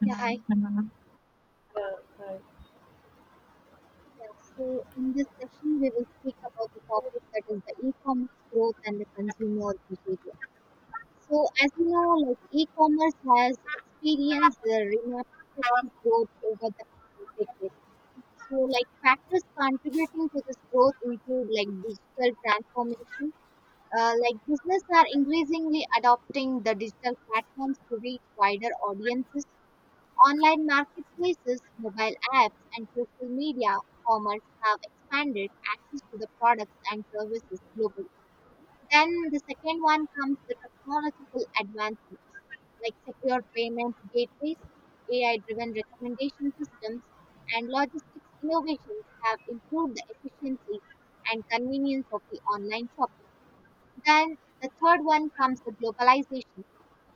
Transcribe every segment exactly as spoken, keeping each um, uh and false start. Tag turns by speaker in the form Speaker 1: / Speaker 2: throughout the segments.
Speaker 1: Yeah, hi. Yeah,
Speaker 2: Yeah, right.
Speaker 1: so in this session, we will speak about the topic that is the e-commerce growth and the consumer behavior. So, as you know, like e-commerce has experienced a remarkable growth over the decade. So, like factors contributing to this growth include like digital transformation. Uh, like business are increasingly adopting the digital platforms to reach wider audiences. Online marketplaces, mobile apps, and social media commerce have expanded access to the products and services globally. Then the second one comes the technological advancements like secure payment gateways, A I driven recommendation systems, and logistics innovations have improved the efficiency and convenience of the online shopping. Then the third one comes the globalization.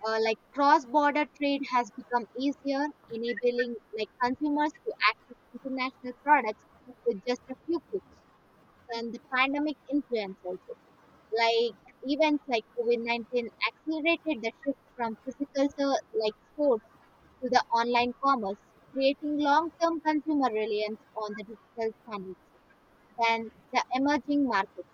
Speaker 1: uh, Like cross-border trade has become easier, enabling like consumers to access international products with just a few clicks. And the pandemic influence also, like events like COVID nineteen accelerated the shift from physical so, like stores to the online commerce, creating long-term consumer reliance on the digital channels. Then the emerging market.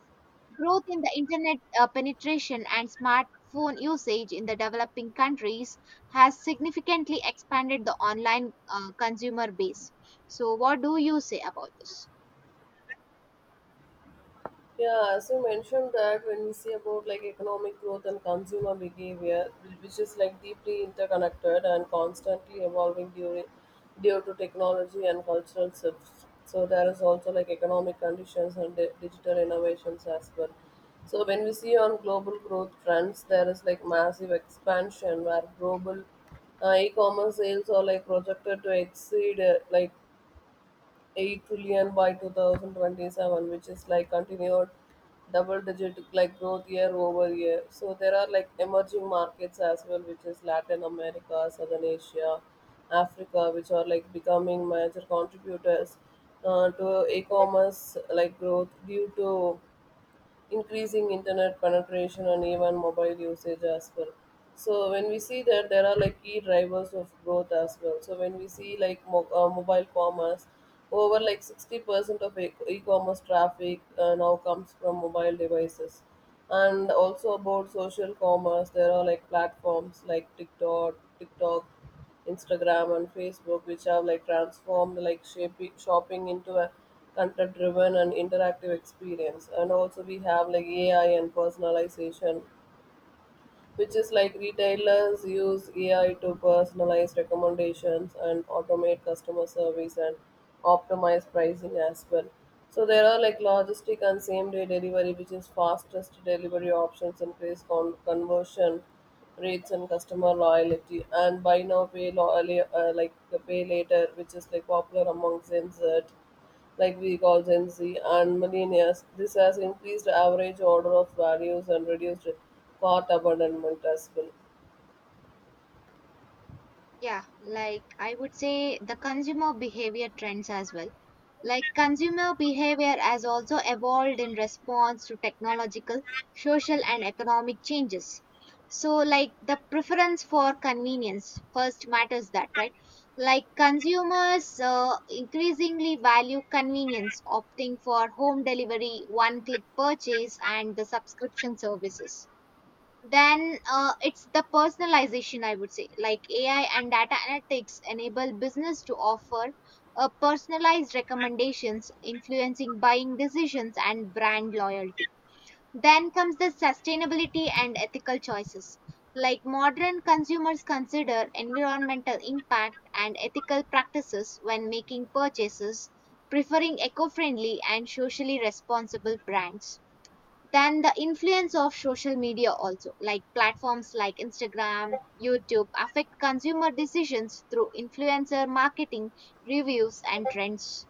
Speaker 1: Growth in the internet uh, penetration and smartphone usage in the developing countries has significantly expanded the online uh, consumer base. So, what do you say about this?
Speaker 2: Yeah, as you mentioned, that when we see about like economic growth and consumer behavior, which is like deeply interconnected and constantly evolving during due to technology and cultural shifts. So there is also like economic conditions and di- digital innovations as well. So when we see on global growth trends, there is like massive expansion where global uh, e-commerce sales are like projected to exceed uh, like eight trillion by two thousand twenty-seven, which is like continued double digit like growth year over year. So there are like emerging markets as well, which is Latin America, Southern Asia, Africa, which are like becoming major contributors uh, to e-commerce like growth due to increasing internet penetration and even mobile usage as well. So when we see that, there are like key drivers of growth as well. So when we see like mo- uh, mobile commerce, over like sixty percent of e- e-commerce traffic uh, now comes from mobile devices. And also about social commerce, there are like platforms like tiktok tiktok Instagram, and Facebook, which have like transformed like shaping, shopping into a content driven and interactive experience. And also we have like A I and personalization, which is like retailers use A I to personalize recommendations and automate customer service and optimize pricing as well. So there are like logistic and same day delivery, which is fastest delivery options increase con- conversion rates and customer loyalty, and buy now pay lo- uh, like uh, like, pay later, which is like popular among Gen Z, like we call Gen Z and millennials. This has increased average order of values and reduced cart abandonment as well.
Speaker 1: Yeah, like I would say the consumer behavior trends as well. Like consumer behavior has also evolved in response to technological, social, and economic changes. So, like the preference for convenience first matters that, right? Like consumers uh, increasingly value convenience, opting for home delivery, one click purchase, and the subscription services. Then uh, it's the personalization, I would say. Like A I and data analytics enable business to offer uh, personalized recommendations influencing buying decisions and brand loyalty. Then comes the sustainability and ethical choices, like modern consumers consider environmental impact and ethical practices when making purchases, preferring eco-friendly and socially responsible brands. Then the influence of social media also, like platforms like Instagram, YouTube, affect consumer decisions through influencer marketing, reviews, and trends.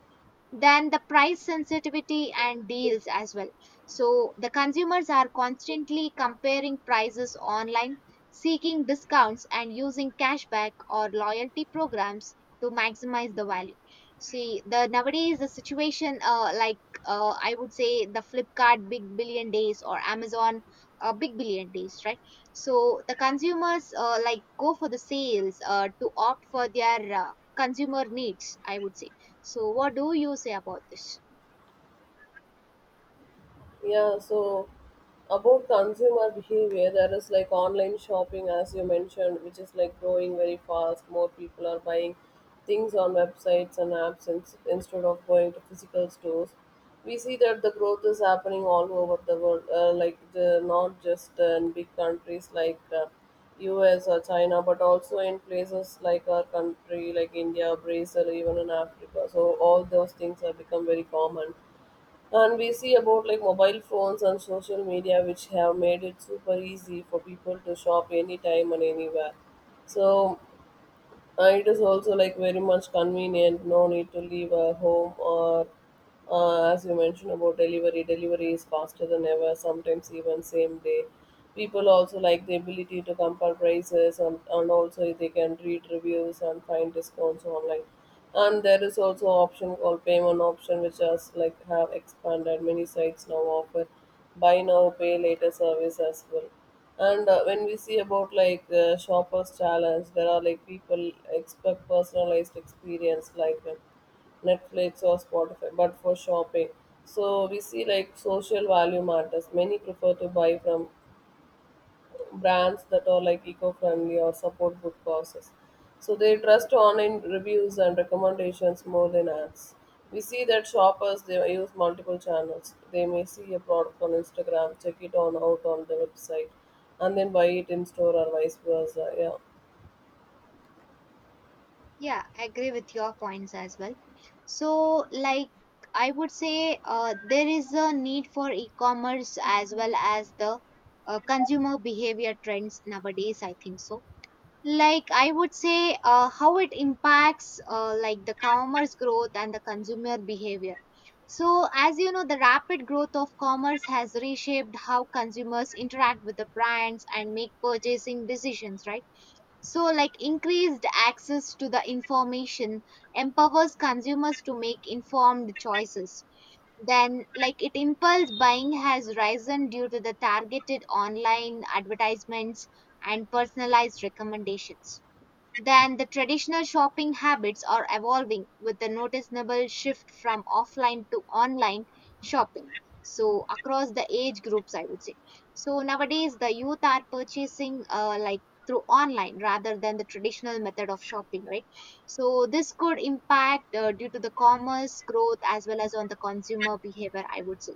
Speaker 1: Then the price sensitivity and deals as well. So the consumers are constantly comparing prices online, seeking discounts and using cashback or loyalty programs to maximize the value. See the nowadays the situation, uh, like, uh, I would say the Flipkart Big Billion Days or Amazon uh, Big Billion Days, right? So the consumers, uh, like, go for the sales, uh, to opt for their uh, consumer needs, I would say. So, what do you say about this?
Speaker 2: Yeah, so about consumer behavior, there is like online shopping, as you mentioned, which is like growing very fast. More people are buying things on websites and apps in, instead of going to physical stores. We see that the growth is happening all over the world, uh, like the, not just in big countries like uh, U S or China, but also in places like our country, like India, Brazil, even in Africa. So all those things have become very common, and we see about like mobile phones and social media, which have made it super easy for people to shop anytime and anywhere. So uh, it is also like very much convenient. No need to leave a home, or, uh, as you mentioned about delivery. Delivery is faster than ever, sometimes even same day. People also like the ability to compare prices, and, and also they can read reviews and find discounts online. And there is also option called payment option, which has like have expanded. Many sites now offer buy now pay later service as well. And uh, when we see about like uh, shoppers challenge, there are like people expect personalized experience, like uh, Netflix or Spotify but for shopping. So we see like social value matters. Many prefer to buy from brands that are like eco-friendly or support good causes. So they trust online reviews and recommendations more than ads. We see that shoppers, they use multiple channels. They may see a product on Instagram, check it on out on the website, and then buy it in store or vice versa. Yeah.
Speaker 1: Yeah, I agree with your points as well. So, like, I would say uh, there is a need for e commerce as well as the uh, consumer behavior trends nowadays, I think so. Like, I would say uh, how it impacts uh, like the commerce growth and the consumer behavior. So, as you know, the rapid growth of commerce has reshaped how consumers interact with the brands and make purchasing decisions, right? So, like increased access to the information empowers consumers to make informed choices. Then, like it impulse buying has risen due to the targeted online advertisements and personalized recommendations. Then the traditional shopping habits are evolving with a noticeable shift from offline to online shopping. So across the age groups, I would say. So nowadays the youth are purchasing, uh, like, through online rather than the traditional method of shopping, right? So this could impact uh, due to the commerce growth as well as on the consumer behavior, I would say.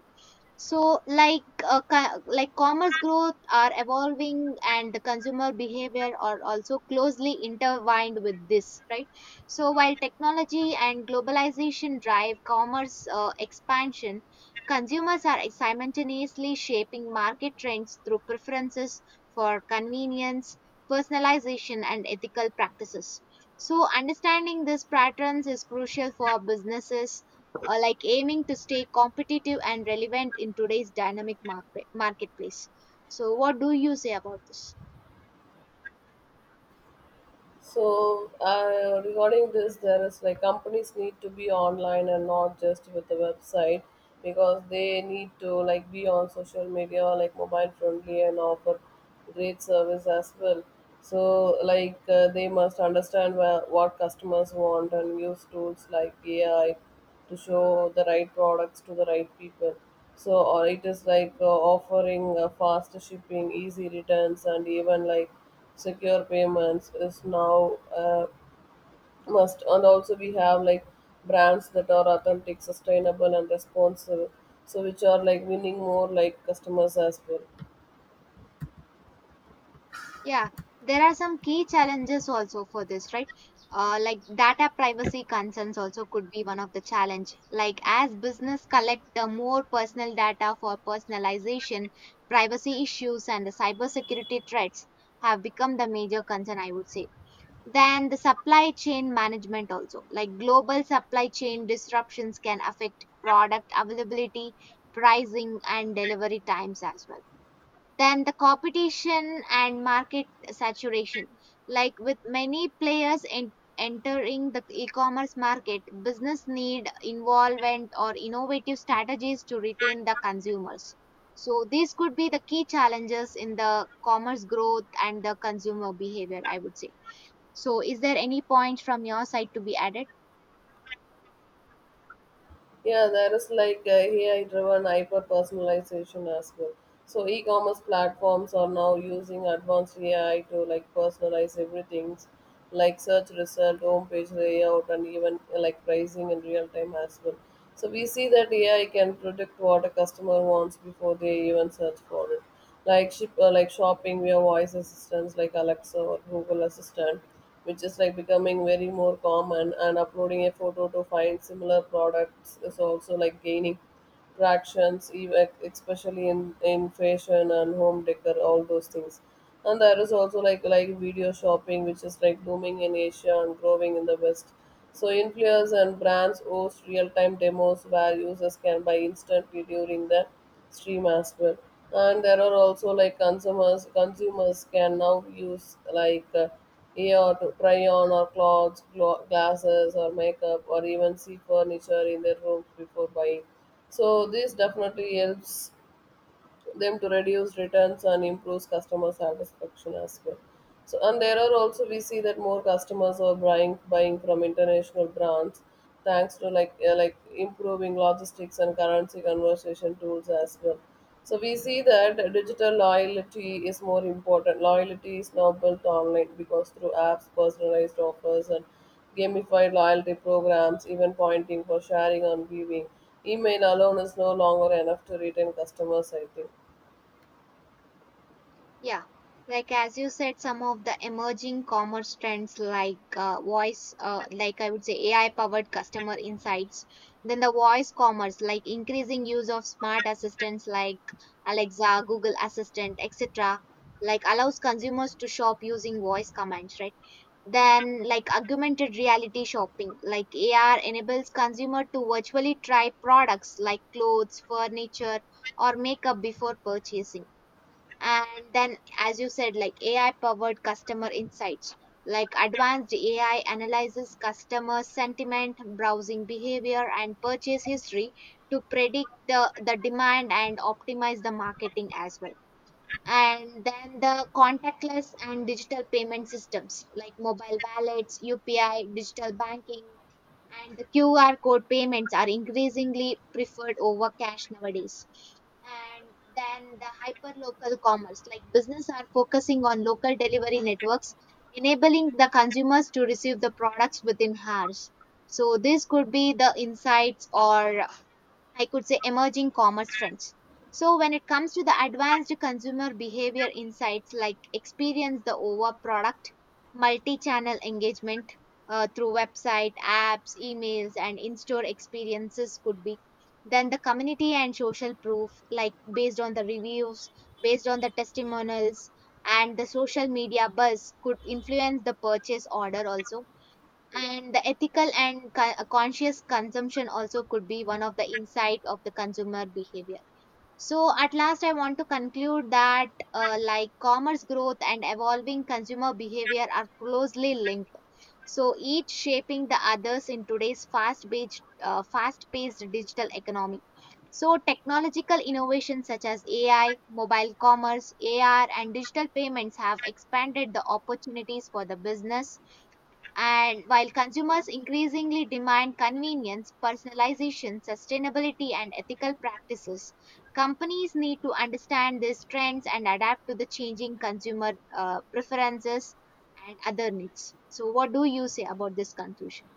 Speaker 1: So, like uh, co- like commerce growth are evolving, and the consumer behavior are also closely intertwined with this, right? So, while technology and globalization drive commerce uh, expansion, consumers are simultaneously shaping market trends through preferences for convenience, personalization, and ethical practices. So, understanding these patterns is crucial for businesses uh, like aiming to stay competitive and relevant in today's dynamic market, marketplace. So, what do you say about this?
Speaker 2: So uh, regarding this, there is like companies need to be online and not just with the website, because they need to like be on social media, like mobile friendly, and offer great service as well. So like uh, they must understand where, what customers want and use tools like A I to show the right products to the right people. So, or it is like uh, offering uh, fast shipping, easy returns, and even like secure payments is now uh, must. And also, we have like brands that are authentic, sustainable, and responsible. So, which are like winning more like customers as well.
Speaker 1: Yeah, there are some key challenges also for this, right? Uh, like data privacy concerns also could be one of the challenge. Like as business collect the more personal data for personalization, privacy issues and the cybersecurity threats have become the major concern, I would say. Then the supply chain management also, like global supply chain disruptions can affect product availability, pricing, and delivery times as well. Then the competition and market saturation, like with many players en- entering the e-commerce market, business need involvement or innovative strategies to retain the consumers. So these could be the key challenges in the commerce growth and the consumer behavior, I would say. So, is there any point from your side to be added?
Speaker 2: Yeah, there is like A I driven hyper personalization as well. So e commerce platforms are now using advanced A I to like personalize everything like search result, homepage layout, and even uh, like pricing in real time as well. So we see that A I can predict what a customer wants before they even search for it, like ship uh, like shopping via voice assistants like Alexa or Google Assistant, which is like becoming very more common. And uploading a photo to find similar products is also like gaining tractions, even especially in in fashion and home decor, all those things. And there is also like like video shopping, which is like booming in Asia and growing in the west. So influencers and brands host real-time demos where users can buy instantly during the stream as well. And there are also like consumers consumers can now use like uh, A R to try on or clothes glo- glasses or makeup or even see furniture in their rooms before buying. So this definitely helps them to reduce returns and improves customer satisfaction as well. So and there are also we see that more customers are buying buying from international brands, thanks to like uh, like improving logistics and currency conversion tools as well. So we see that digital loyalty is more important. Loyalty is now built online because through apps, personalized offers, and gamified loyalty programs, even pointing for sharing and viewing. Email alone is no longer enough to retain customers, I think.
Speaker 1: Yeah, like as you said, some of the emerging commerce trends like uh, voice, uh, like I would say A I powered customer insights. Then the voice commerce, like increasing use of smart assistants like Alexa, Google Assistant, et cetera, like allows consumers to shop using voice commands, right? Then, like augmented reality shopping, like A R, enables consumer to virtually try products like clothes, furniture, or makeup before purchasing. And then, as you said, like AI powered customer insights, like advanced A I analyzes customer sentiment, browsing behavior, and purchase history to predict the, the demand and optimize the marketing as well. And then the contactless and digital payment systems like mobile wallets, U P I, digital banking, and the Q R code payments are increasingly preferred over cash nowadays. And then the hyperlocal commerce, like business are focusing on local delivery networks, enabling the consumers to receive the products within hours. So this could be the insights, or I could say emerging commerce trends. So when it comes to the advanced consumer behavior insights, like experience the over product, multi-channel engagement uh, through website, apps, emails, and in-store experiences could be. Then the community and social proof, like based on the reviews, based on the testimonials, and the social media buzz could influence the purchase order also, and the ethical and co- uh, conscious consumption also could be one of the insight of the consumer behavior. So at last I want to conclude that, uh, like, commerce growth and evolving consumer behavior are closely linked, so each shaping the others in today's fast paced uh, fast paced digital economy. So technological innovations such as A I, mobile commerce, A R, and digital payments have expanded the opportunities for the business. And while consumers increasingly demand convenience, personalization, sustainability, and ethical practices, companies need to understand these trends and adapt to the changing consumer uh, preferences and other needs. So, what do you say about this conclusion?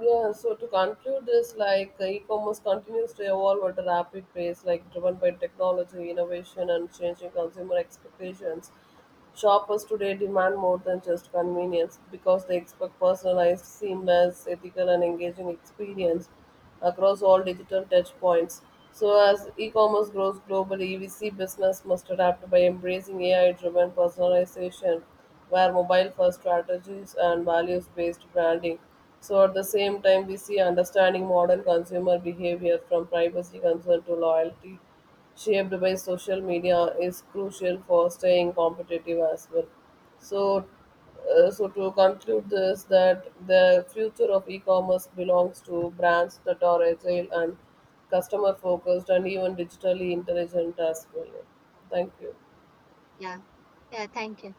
Speaker 2: Yeah, so to conclude this, like uh, e-commerce continues to evolve at a rapid pace, like driven by technology, innovation, and changing consumer expectations. Shoppers today demand more than just convenience because they expect personalized, seamless, ethical, and engaging experience across all digital touchpoints. So, as e-commerce grows globally, we see business must adapt by embracing A I-driven personalization, where mobile-first strategies and values-based branding. So at the same time, we see understanding modern consumer behavior, from privacy concern to loyalty shaped by social media, is crucial for staying competitive as well. So, uh, so to conclude this, that the future of e-commerce belongs to brands that are agile and customer focused and even digitally intelligent as well. Thank you.
Speaker 1: Yeah, yeah, thank you.